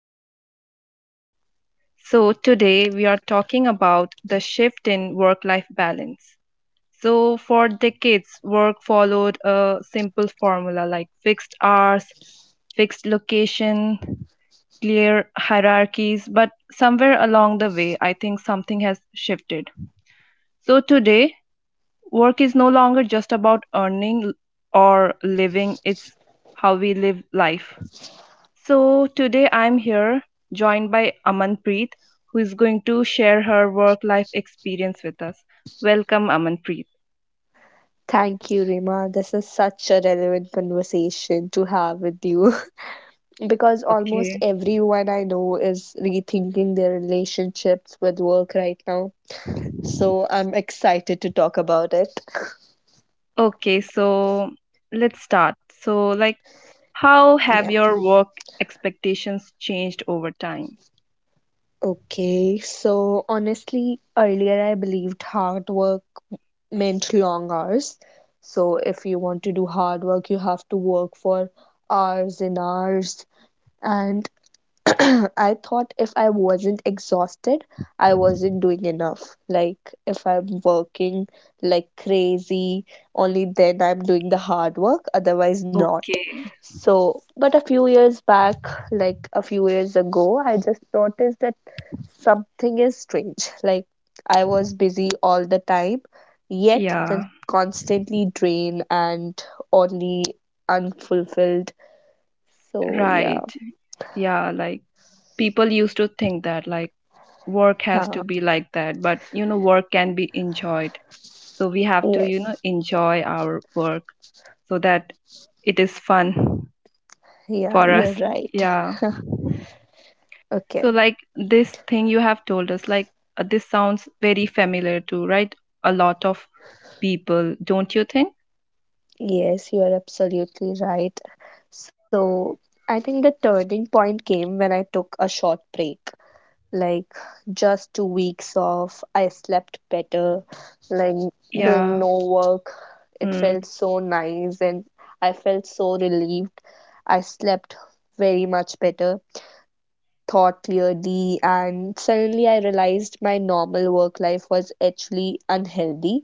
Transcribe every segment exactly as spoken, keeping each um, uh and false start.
the podcast. So, today we are talking about the shift in work life balance. So, for decades, work followed a simple formula like fixed hours, fixed location, clear hierarchies. But somewhere along the way, I think something has shifted. So, today, work is no longer just about earning or living, it's how we live life. So today I'm here joined by Amanpreet, who is going to share her work life experience with us. Welcome, Amanpreet. Thank you, Rima. This is such a relevant conversation to have with you because almost Okay. everyone I know is rethinking their relationships with work right now. So I'm excited to talk about it. Okay, so let's start. So, like, how have Yeah. your work expectations changed over time? Okay. So honestly, earlier I believed hard work meant long hours. So if you want to do hard work, you have to work for hours and hours. And I thought if I wasn't exhausted, I wasn't doing enough. Like, if I'm working like crazy, only then I'm doing the hard work, otherwise, not. Okay. So, but a few years back, like a few years ago, I just noticed that something is strange. Like, I was busy all the time, yet con- Yeah, constantly drained and only unfulfilled. So, yeah. right. Yeah, like people used to think that like work has to Huh. be like that, but you know, work can be enjoyed, so we have to Yes. you know enjoy our work so that it is fun Yeah, for you're us, right. yeah. Okay. So like this thing you have told us, like, uh, this sounds very familiar to, right? A lot of people, don't you think? Yes, you're absolutely right. So I think the turning point came when I took a short break. Like just two weeks off, I slept better, like Yeah. doing no work. It felt so nice and I felt so relieved. I slept very much better thought clearly, and suddenly I realized my normal work life was actually unhealthy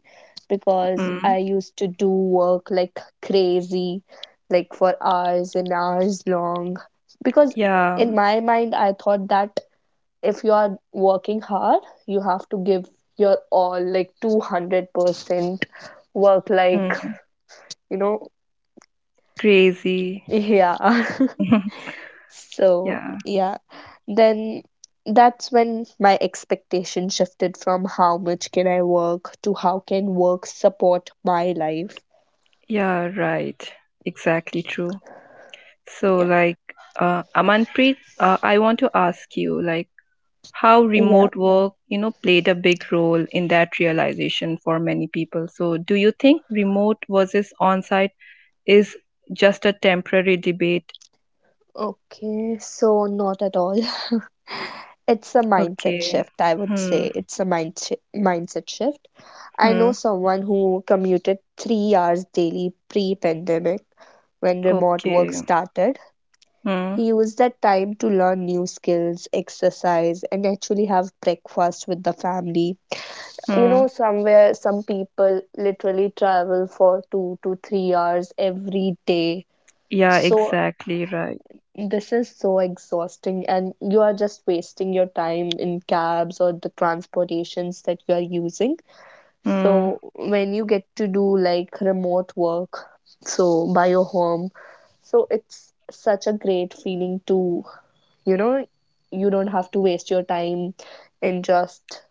because Mm-hmm. I used to do work like crazy, like for hours and hours long. Because Yeah. in my mind, I thought that if you are working hard, you have to give your all, like two hundred percent work, like, Mm. you know, Crazy. yeah. So, Yeah, yeah, then that's when my expectation shifted from how much can I work to how can work support my life. yeah. Right, exactly true. So Yeah. like, uh Amanpreet, uh, I want to ask you, like, how Yeah. remote work, you know, played a big role in that realization for many people. So, do you think remote versus on-site is just a temporary debate? Okay, so not at all. It's a mindset Okay. shift, I would Hmm. say. It's a mind shi mindset shift. I know Hmm. someone who commuted three hours daily pre pandemic when remote work Okay. started. Hmm. He used that time to learn new skills, exercise, and actually have breakfast with the family. You Hmm. know, somewhere, some people literally travel for two to three hours every day. Yeah, So exactly right. this is so exhausting, and you are just wasting your time in cabs or the transportations that you are using. Hmm. So when you get to do like remote work, so by your home, so it's such a great feeling to, you know, you don't have to waste your time in just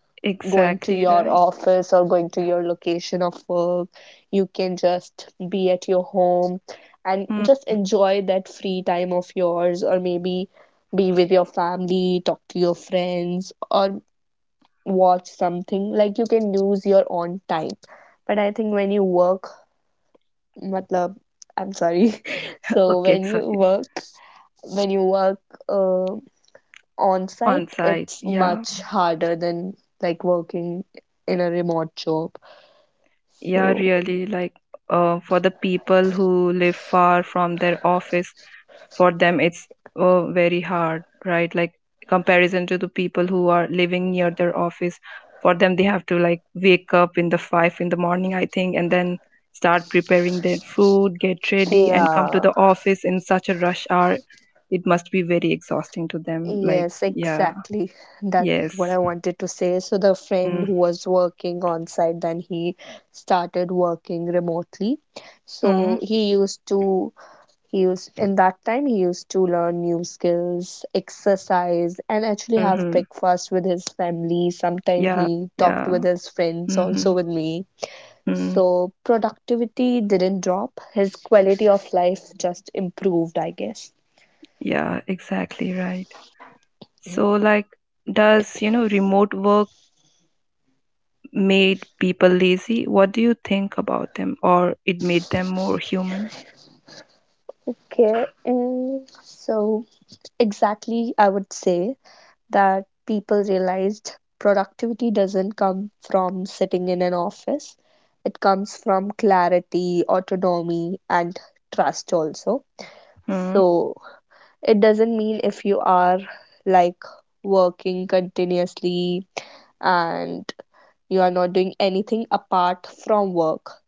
going to Exactly your right. office or going to your location of work. You can just be at your home and Hmm. just enjoy that free time of yours, or maybe be with your family, talk to your friends, or watch something. Like you can use your own time. But I think when you work, matlab, I'm sorry. So Okay, when it's you okay. work, when you work uh, on On site, site. it's Yeah. much harder than like working in a remote job. Yeah, So, really, like, uh, for the people who live far from their office, for them it's uh, very hard, right? Like, comparison to the people who are living near their office, for them they have to like wake up in the five in the morning, I think, and then start preparing their food, get ready, and come to yeah, the office in such a rush hour. It must be very exhausting to them, like. yes, Yeah. exactly. That's what Yes. I wanted to say. So, the friend who was working on site, then he started working remotely. Mm-hmm. So, he used to, he used, in that time, he used to learn new skills, exercise, and actually have Mm-hmm. breakfast with his family. Sometimes Yeah, he talked yeah. with his friends, Mm-hmm. also with me. Mm. So, productivity didn't drop, his quality of life just improved, I guess. Yeah, exactly right. So like, does, you know remote work made people lazy? What do you think about them? Or it made them more human? Okay, and so exactly, I would say that people realized productivity doesn't come from sitting in an office, it comes from clarity, autonomy, and trust also. So, it doesn't mean if you are like working continuously and you are not doing anything apart from work,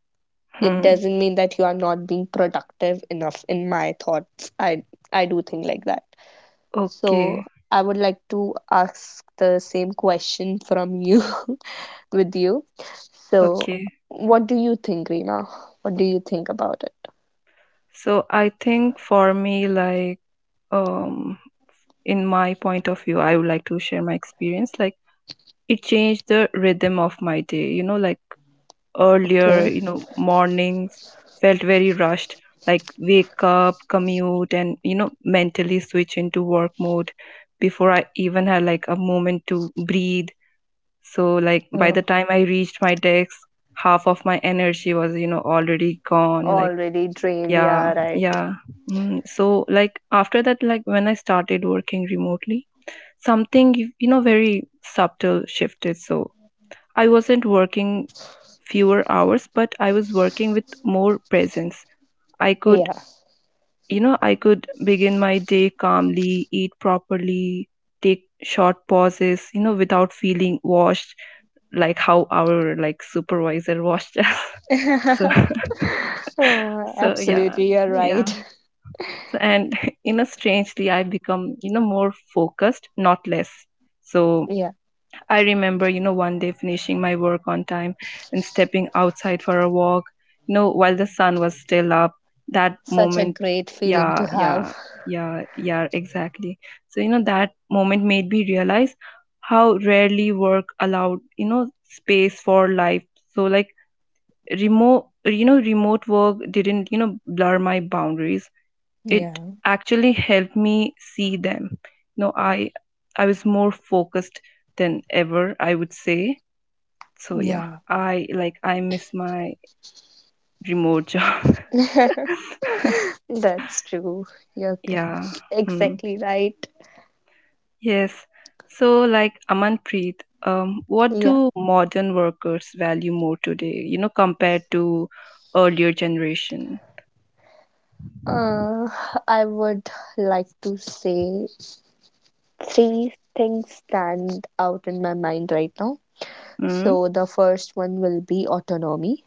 it Mm-hmm. doesn't mean that you are not being productive enough. In my thoughts, i i do think like that. So Okay. I would like to ask the same question from you with you. So Okay. what do you think, Reena? What do you think about it? So I think for me, like, um, in my point of view, I would like to share my experience. Like, it changed the rhythm of my day. You know, like earlier, Okay. you know, mornings felt very rushed. Like, wake up, commute, and, you know, mentally switch into work mode before I even had like a moment to breathe. So, like, by uh, the time I reached my desk, half of my energy was, you know, already gone. Like, Already drained, yeah, yeah, right, yeah. Mm. So, like, after that, like, when I started working remotely, something, you you know, very subtle shifted. So, I wasn't working fewer hours, but I was working with more presence. I could, yeah. you know, I could begin my day calmly, eat properly, take short pauses, you know, without feeling washed, like how our like supervisor watched us. So. Oh, So yeah, absolutely, you're yeah. right. So and, you know strangely I become you know more focused, not less. So Yeah, I remember, you know, one day finishing my work on time and stepping outside for a walk, you know, while the sun was still up. That such a moment, great feeling to yeah, yeah, have. yeah, yeah, exactly. So, you know, that moment made me realize how rarely work allowed, you know, space for life. So, like, remote, you know, remote work didn't, you know, blur my boundaries, it Yeah, actually helped me see them. No, i i was more focused than ever, I would say. So yeah, yeah. I, like, I miss my remote job. That's true. You're Yeah. c- Hmm. exactly right. Yes. So like, Amanpreet, um, what Yeah. do modern workers value more today, you know compared to earlier generation? Uh, I would like to say three things stand out in my mind right now. Hmm. So the first one will be autonomy.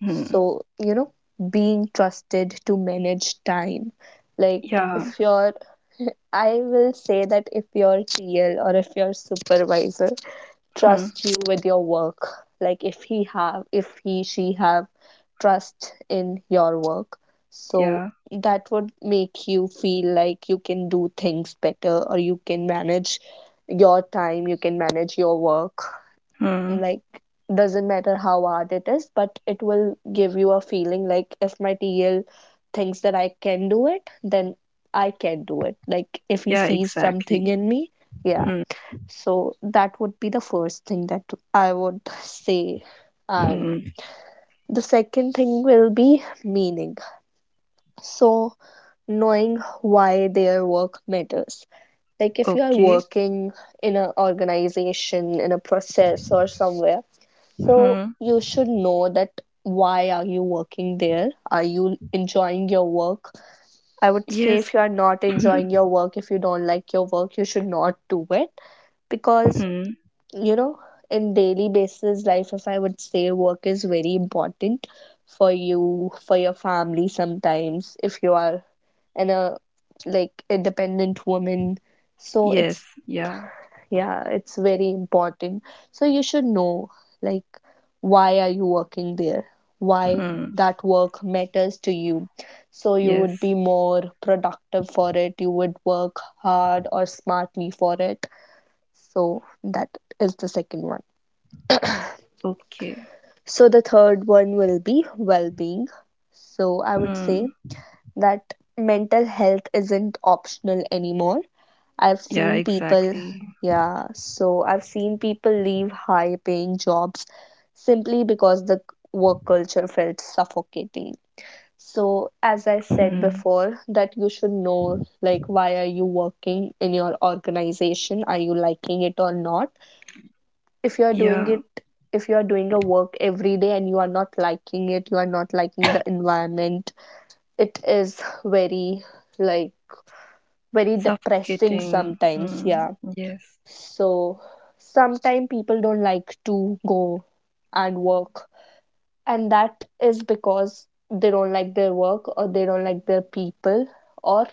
Hmm. So, you know, being trusted to manage time. Like Yeah. if you're I will say that if your T L or if your supervisor Hmm. trust you with your work, like if he have if he she have trust in your work, so Yeah. that would make you feel like you can do things better or you can manage your time, you can manage your work. Hmm. Like, doesn't matter how hard it is, but it will give you a feeling like if my T L thinks that I can do it, then I can do it, like if he Yeah, sees something exactly. in me. Yeah, Hmm. so that would be the first thing that I would say. And Hmm. the second thing will be meaning. So knowing why their work matters. Like if you are Okay. working in an organization, in a process or somewhere, so Hmm. you should know that why are you working there? Are you enjoying your work? I would say Yes. if you are not Hmm. enjoying your work, if you don't like your work, you should not do it, because, Hmm. you know, in daily basis life, if I would say, work is very important for you, for your family. Sometimes if you are in a like independent woman, so Yes. it's, Yeah. yeah, it's very important. So you should know like why are you working there, why Hmm. that work matters to you, so you would Yes. be more productive for it, you would work hard or smartly for it. So that is the second one. Okay. So the third one will be well being. So I would Hmm. say that mental health isn't optional anymore. I've Yeah, seen people, exactly. yeah, so I've seen people leave high paying jobs simply because the work culture felt suffocating. So as I said Hmm. before, that you should know, like, why are you working in your organization? Are you liking it or not? If you are doing Yeah. it, if you are doing a work every day and you are not liking it, you are not liking the environment, it is very like very depressing Suffocating. sometimes, Hmm. yeah. Yes. So sometimes people don't like to go and work, and that is because they don't like their work, or they don't like their people, or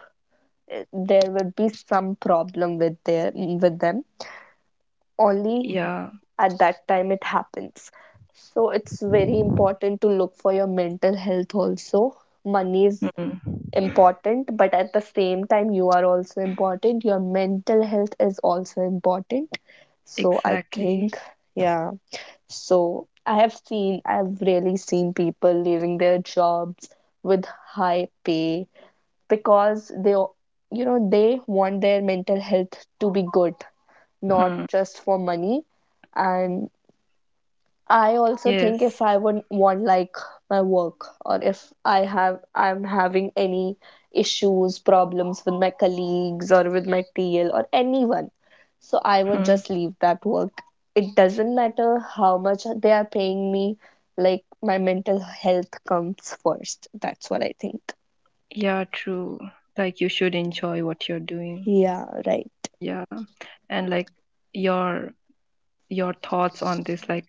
eh, there would be some problem with their with them only Yeah. at that time it happens. So it's very important to look for your mental health also. Money is Hmm. important, but at the same time, you are also important. Your mental health is also important. So I Exactly. think, yeah. So I have seen, I've really seen people leaving their jobs with high pay because they, you know, they want their mental health to be good, not Hmm. just for money. And I also think if Yes. I would want, like, my work, or if i have I'm having any issues, problems with my colleagues or with my T L or anyone, so I Hmm. would just leave that work. It doesn't matter how much they are paying me, like my mental health comes first, that's what I think. Yeah, true. Like you should enjoy what you're doing. Yeah, right. Yeah. And like your your thoughts on this, like,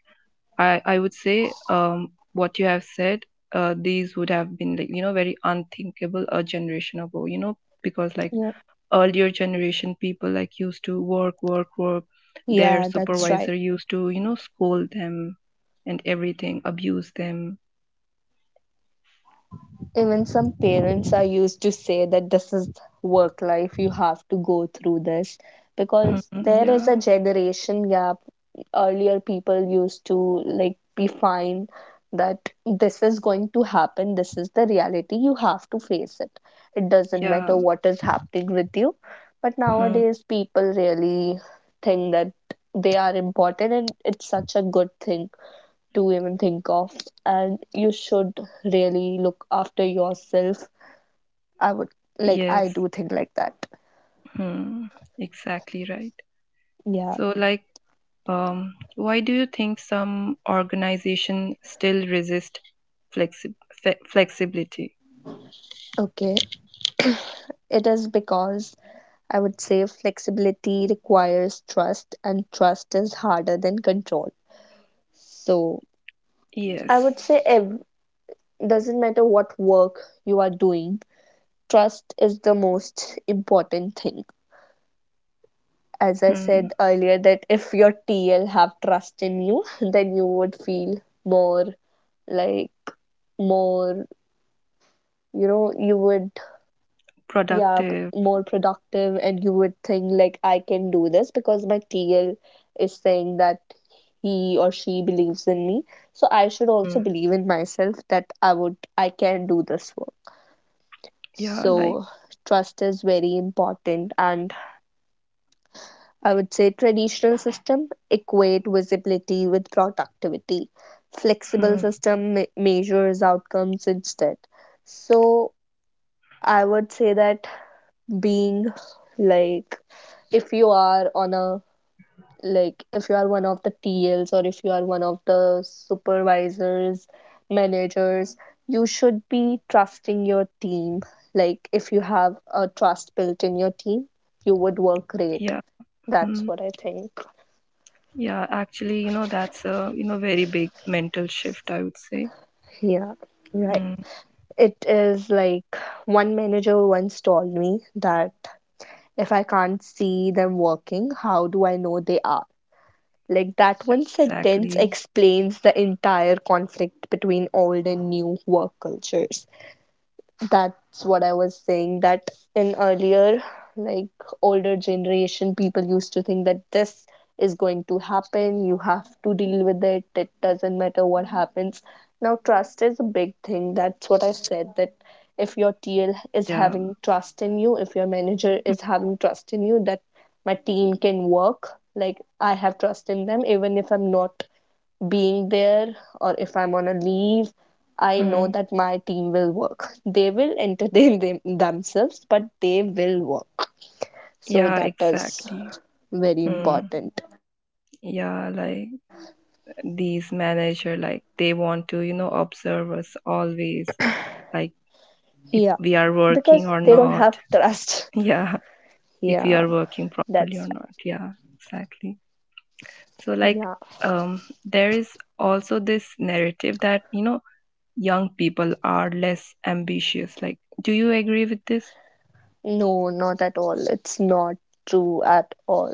I I would say, um what you have said, uh these would have been like, you know very unthinkable a generation ago, you know because like Yeah, earlier generation people, like, used to work, work, work. Their yeah, that's right. supervisor used to you know scold them and everything, abuse them. Even some parents are used to say that this is work life, you have to go through this, Mhm. because there is a Yeah, generation gap. Earlier, people used to like be fine that this is going to happen, this is the reality, you have to face it. It doesn't yeah. matter what is happening with you. But Mhm. nowadays, people really think that they are important, and it's such a good thing to even think of, and you should really look after yourself. I would Like, I Yes. do think like that. Hmm. Exactly right. Yeah. So like, um why do you think some organization still resist flexi- fe- flexibility? Okay, it is because, I would say, flexibility requires trust, and trust is harder than control. So I Yes. would say, ev- doesn't matter what work you are doing, trust is the most important thing. As I Hmm. said earlier, that if your TL have trust in you then you would feel more, like, more you know, you would, Productive. yeah, p- more productive, and you would think like I can do this because my T L is saying that he or she believes in me, so I should Hmm. also believe in myself that i would I can do this work. Yeah, like. So trust is very important. And I would say traditional system equate visibility with productivity, flexible Hmm. system me- measures outcomes instead. So I would say that being, like, if you are on a, like, if you are one of the T Ls or if you are one of the supervisors, managers, you should be trusting your team. Like if you have a trust built in your team, you would work great. Yeah. That's Hmm. what I think. Yeah, actually, you know, that's a, you know, very big mental shift, I would say. Yeah, right. Hmm. It is like one manager once told me that if I can't see them working, how do I know they are? Like that one sentence Exactly. explains the entire conflict between old and new work cultures. That's what I was saying, that in earlier, like older generation people used to think that this is going to happen, you have to deal with it, it doesn't matter what happens. Now trust is a big thing. That's what I said, that if your T L is Yeah. having trust in you, if your manager Hmm. is having trust in you, that my team can work, like I have trust in them even if I'm not being there, or if I'm on a leave, I know Hmm. that my team will work. They will entertain them, themselves, but they will work. So Yeah, that is exactly. very Hmm. important. Yeah, like these manager, like they want to, you know, observe us always, like Yeah, if because we are they don't working have or not. trust. Yeah, Yeah, if we are working that's properly or not. Yeah, exactly. right. So, Yeah, like, um, there is also this narrative that, you know, young people are less ambitious. Like, do you agree with this? no, not at all. It's not true at all.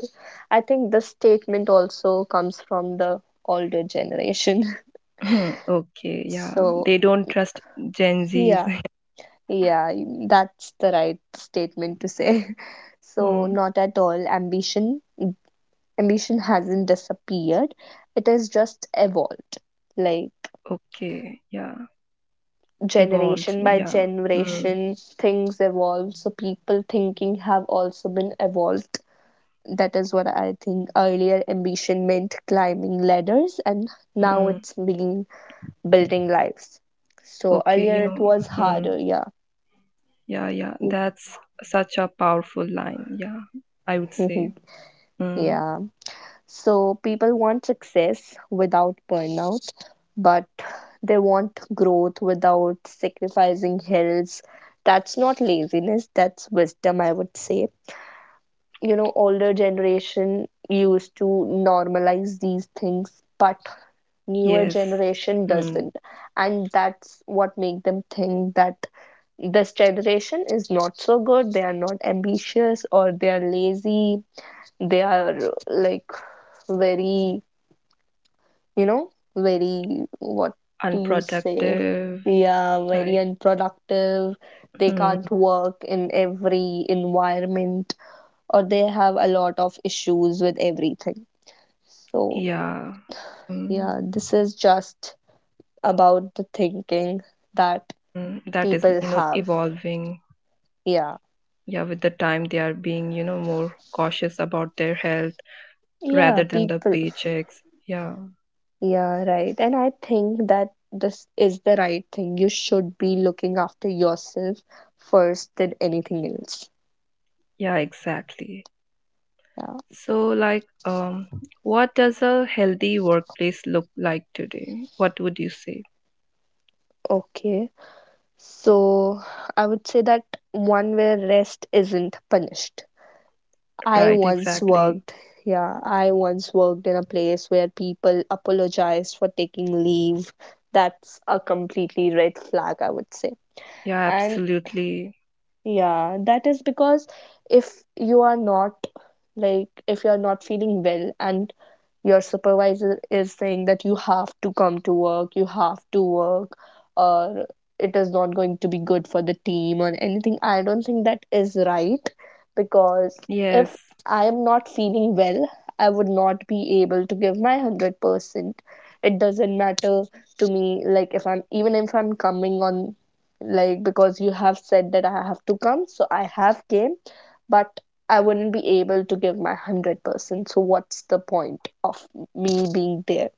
I think this statement also comes from the older generation. Hmm, okay, yeah. So, They don't trust Gen Zs. yeah. Yeah, y- that's the right statement to say. So, Hmm, not at all. Ambition, ambition hasn't disappeared. It has just evolved. Like okay, yeah. Evolved, generation by yeah. Hmm, generation, things evolve. So people thinking have also been evolved. That is what I think. Earlier, ambition meant climbing ladders, and now hmm, it's being building lives. So okay, you earlier it know, was hmm, harder. Yeah. yeah, yeah. That's such a powerful line, yeah, I would say. Hmm, Yeah. So people want success without burnout, but they want growth without sacrificing health. That's not laziness, that's wisdom, I would say. You know, older generation used to normalize these things, but newer yes. generation Hmm, doesn't. And that's what make them think that this generation is not so good, they are not ambitious or they are lazy, they are like very, you know, very, what do you say? unproductive, Yeah, very like. unproductive. They Hmm. can't work in every environment, or they have a lot of issues with everything. So, Yeah. Mm, yeah, this is just about the thinking that mm. That is, people you know, have. evolving. Yeah. Yeah, with the time they are being, you know, more cautious about their health rather Yeah, than the people. paychecks. Yeah. Yeah, right. And I think that this is the right thing. You should be looking after yourself first than anything else. Yeah, exactly. Yeah. So like, um what does a healthy workplace look like today? What would you say? Okay. So I would say that one where rest isn't punished. I Right, once exactly. worked, yeah, I once worked in a place where people apologized for taking leave. That's a completely red flag, I would say. Yeah, And absolutely. yeah, that is because if you are not, like if you are not feeling well and your supervisor is saying that you have to come to work, you have to work, or it is not going to be good for the team or anything, I don't think that is right, because if Yes, I am not feeling well, I would not be able to give my one hundred percent. It doesn't matter to me, like if I'm, even if I'm coming on, like because you have said that I have to come, so I have came, but I wouldn't be able to give my one hundred percent. So, what's the point of me being there?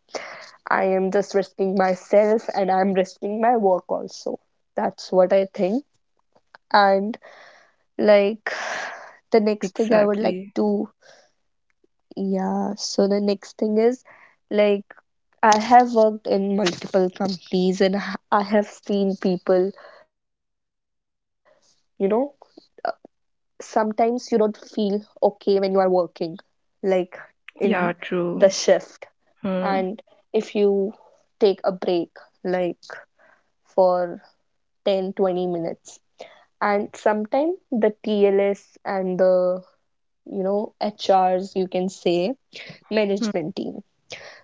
I am just risking myself and I'm risking my work also. That's what I think. And like the next thing I would like exactly. to, yeah, so the next thing is, like I have worked in multiple companies and I have seen people, you know, sometimes you don't feel okay when you are working, like in Yeah, the true. shift, Hmm. and if you take a break like for ten, twenty minutes, and sometimes the T L s and the, you know, H Rs, you can say, Hmm. management team,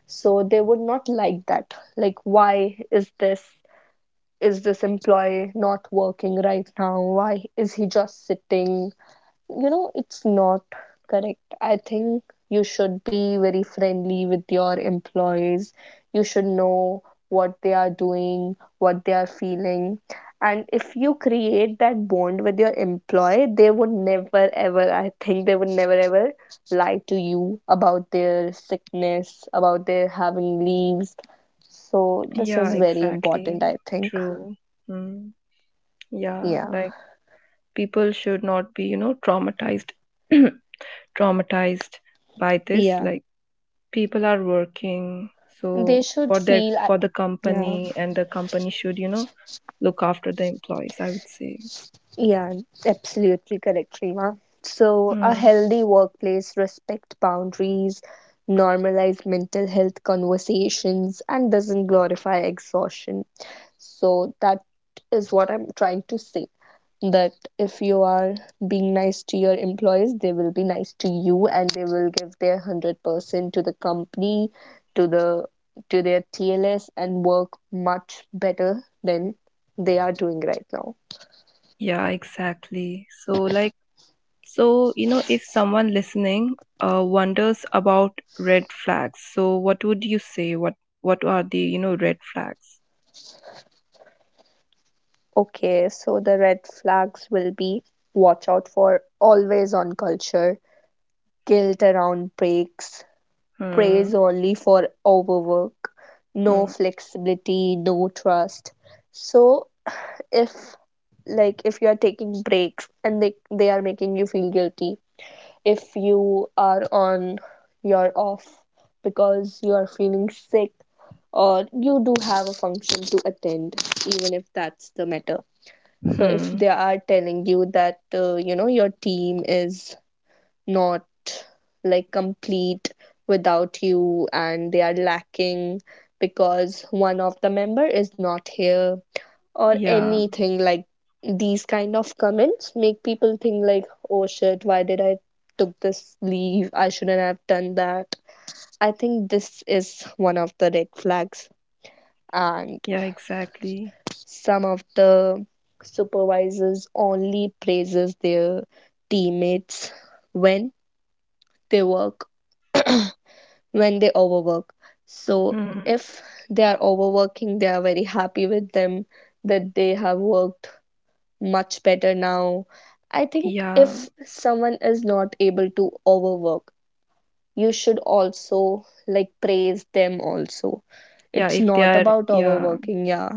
so they would not like that, like why is this, is this employee not working right now, why is he just sitting? You know, it's not correct, I think. You should be very friendly with your employees. You should know what they are doing, what they are feeling. And if you create that bond with your employee, they would never ever, I think they would never ever lie to you about their sickness, about their having leaves. So this Yeah, is very exactly. important, I think. True. Hmm. Yeah, Yeah. like people should not be, you know traumatized, traumatized by this, yeah like people are working they so should for their feel I- for the yeah. company, and the company should, you know look after the employees, I would say. Yeah, absolutely correct, Rima. So, a Mm. healthy workplace respect boundaries, normalize mental health conversations, and doesn't glorify exhaustion. So, that is what I'm trying to say. That if you are being nice to your employees, they will be nice to you and they will give their one hundred percent to the company, to the to their T L s, and work much better than they are doing right now. Yeah, exactly. So like, so, you know if someone listening, uh, wonders about red flags, so what would you say? what what are the, you know red flags? Okay, so the red flags will be, watch out for always on culture, guilt around breaks, Hmm. praise only for overwork, no Hmm. flexibility, no trust. So if, like if you are taking breaks and they they are making you feel guilty, if you are on your off because you are feeling sick, or you do have a function to attend, even if that's the matter, so if Hmm. they are telling you that uh, you know, your team is not, like, complete without you, and they are lacking because one of the member is not here, or Yeah, anything, like these kind of comments make people think like, oh shit, why did I took this leave, I shouldn't have done that. I think this is one of the red flags. And yeah, exactly. some of the supervisors only praises their teammates when they work, when they overwork. So Hmm. if they are overworking, they are very happy with them that they have worked much better now. I think Yeah, if someone is not able to overwork, you should also like praise them also. yeah, It's if they not are, about yeah overworking, yeah.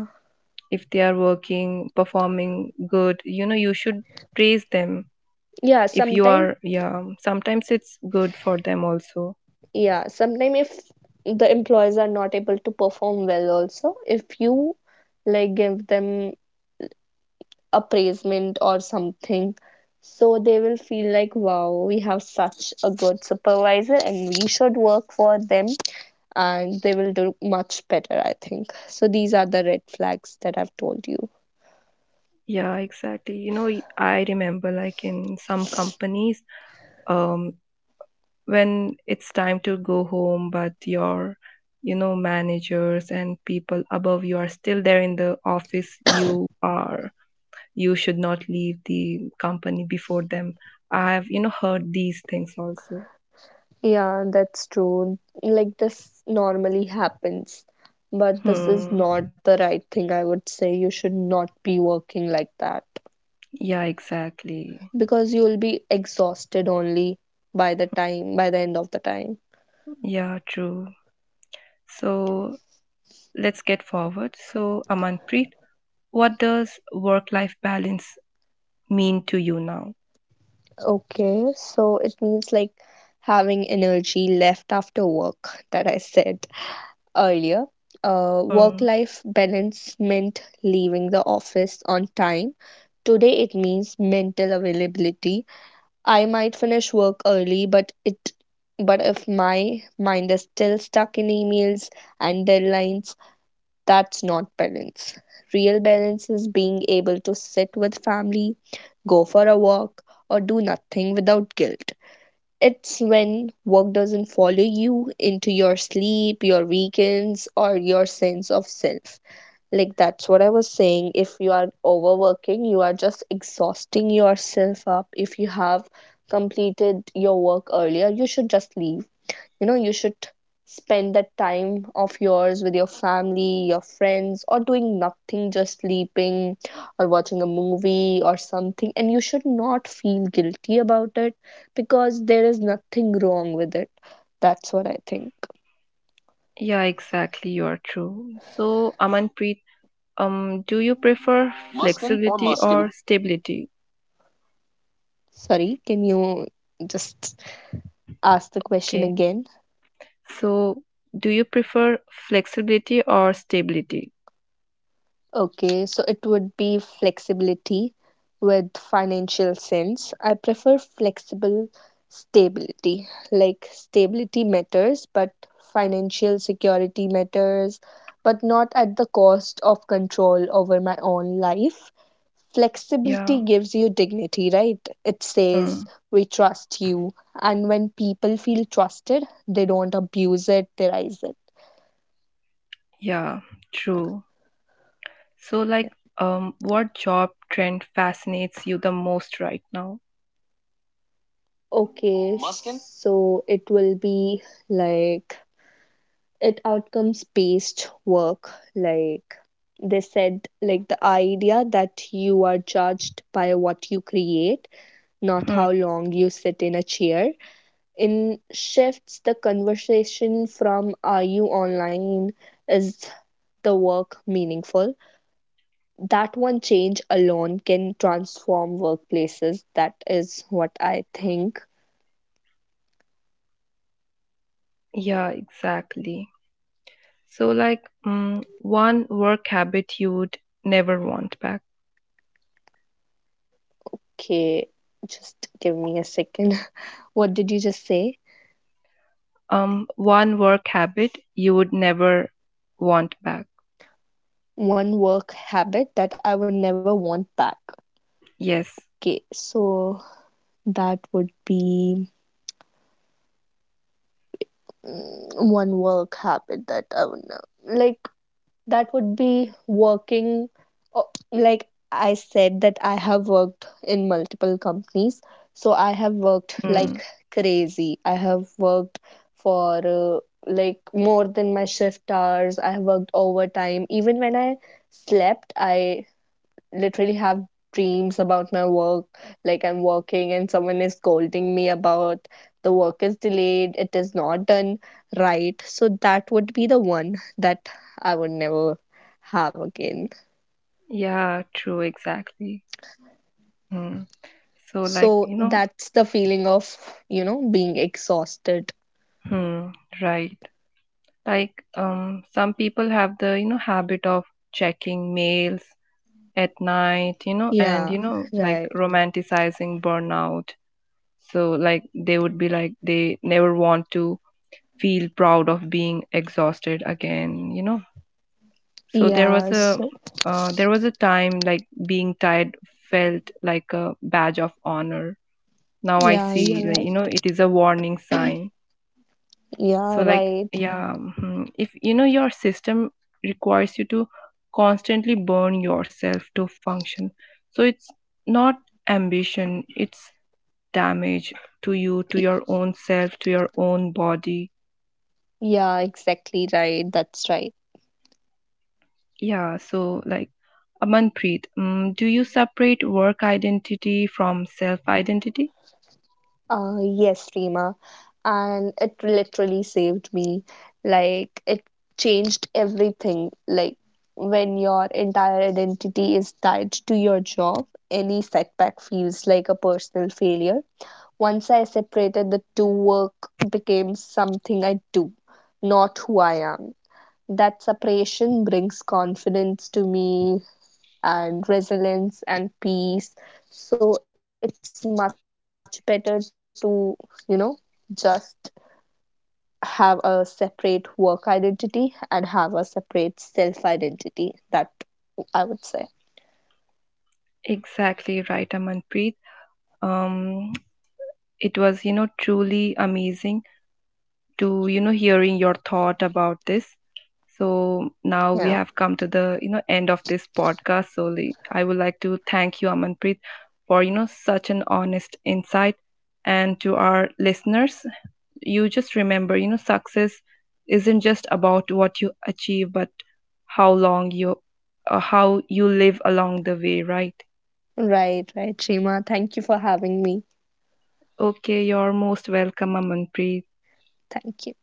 if they are working, performing good, you know you should praise them. Yeah, if you sometimes, are yeah sometimes it's good for them also. yeah sometimes if the employees are not able to perform well also, if you like give them appraisement or something, so they will feel like, wow, we have such a good supervisor and we should work for them, and they will do much better, I think. So these are the red flags that I've told you. Yeah, exactly. you know y- I remember like in some companies, um when it's time to go home but your, you know managers and people above you are still there in the office, you are you should not leave the company before them. I've, you know, heard these things also. Yeah, that's true, like this normally happens, but this is Hmm. not the right thing, I would say. You should not be working like that, Yeah, exactly. because you'll be exhausted only by the time, by the end of the time. Yeah, true. So let's get forward. So, Amanpreet, what does work life balance mean to you now? Okay, so it means like having energy left after work. That I said earlier, uh, work Hmm. life balance meant leaving the office on time. Today it means mental availability. I might finish work early, but it, but if my mind is still stuck in emails and deadlines, that's not balance. Real balance is being able to sit with family, go for a walk, or do nothing without guilt. It's when work doesn't follow you into your sleep, your weekends, or your sense of self. Like that's what I was saying. If you are overworking, you are just exhausting yourself up. If you have completed your work earlier, you should just leave. You know, you should spend that time of yours with your family, your friends, or doing nothing, just sleeping, or watching a movie or something, and you should not feel guilty about it, because there is nothing wrong with it. That's what I think. Yeah, exactly. You are true. So, Amanpreet, um, do you prefer Muskin, or flexibility Muskin? or stability? Sorry, can you just ask the question Okay. again? So, do you prefer flexibility or stability? Okay, so it would be flexibility with financial sense. I prefer flexible stability. Like stability matters, but financial security matters, but not at the cost of control over my own life. Yeah. Flexibility gives you dignity, right? It says, Hmm. we trust you. And when people feel trusted, they don't abuse it, they rise it. Yeah, true. So, like, um, what job trend fascinates you the most right now? Okay, Muskin? So it will be like it outcomes based work, like they said, like the idea that you are judged by what you create, not Hmm. how long you sit in a chair. In shifts the conversation from, are you online, is the work meaningful? That one change alone can transform workplaces. That is what I think. Yeah, exactly. So, like, um, one work habit you would never want back. Okay, just give me a second. What did you just say? Um, one work habit you would never want back. One work habit that I would never want back. Yes. Okay, so that would be mm, one work habit that I would never like. That would be working. uh, Like I said, that I have worked in multiple companies, so I have worked like Hmm. crazy. I have worked for uh, like more than my shift hours. I have worked overtime. Even when I slept, I literally have dreams about my work, like I'm working and someone is scolding me about, the work is delayed, it is not done, right? So that would be the one that I would never have again. Yeah, true, exactly. Hmm. So, like, So you know, that's the feeling of, you know, being exhausted. hmm, right. Like, um, some people have the, you know, habit of checking mails at night, you know, and Yeah, you know, like right. romanticizing burnout. So, like, they would be like, they never want to feel proud of being exhausted again, you know. So, there Yeah, was a, so, uh, there was a time like being tired felt like a badge of honor. Now I yeah, see, you're like, you know, right. it is a warning sign. So Yeah, like, right. yeah. Mhm. If you know your system requires you to constantly burn yourself to function, so it's not ambition, it's damage to you, to your own self, to your own body. Yeah, exactly, right, that's right. Yeah. So like, Amanpreet, mm, do you separate work identity from self identity? Uh, yes, Reema. And it literally saved me. Like, it changed everything. Like, when your entire identity is tied to your job, any setback feels like a personal failure. Once I separated the two, work became something I do, not who I am. That separation brings confidence to me and resilience and peace. So, it's much better to, you know, just have a separate work identity and have a separate self identity. That I would say. Exactly right, Amanpreet. um it was, you know truly amazing to, you know hearing your thought about this. So now Yeah. we have come to the, you know end of this podcast. So, li- I would like to thank you, Amanpreet, for, you know such an honest insight. And to our listeners, you just remember, you know, success isn't just about what you achieve, but how long you, uh, how you live along the way, right? Right, right, Shima. Thank you for having me. Okay, you're most welcome, Amanpreet. Thank you.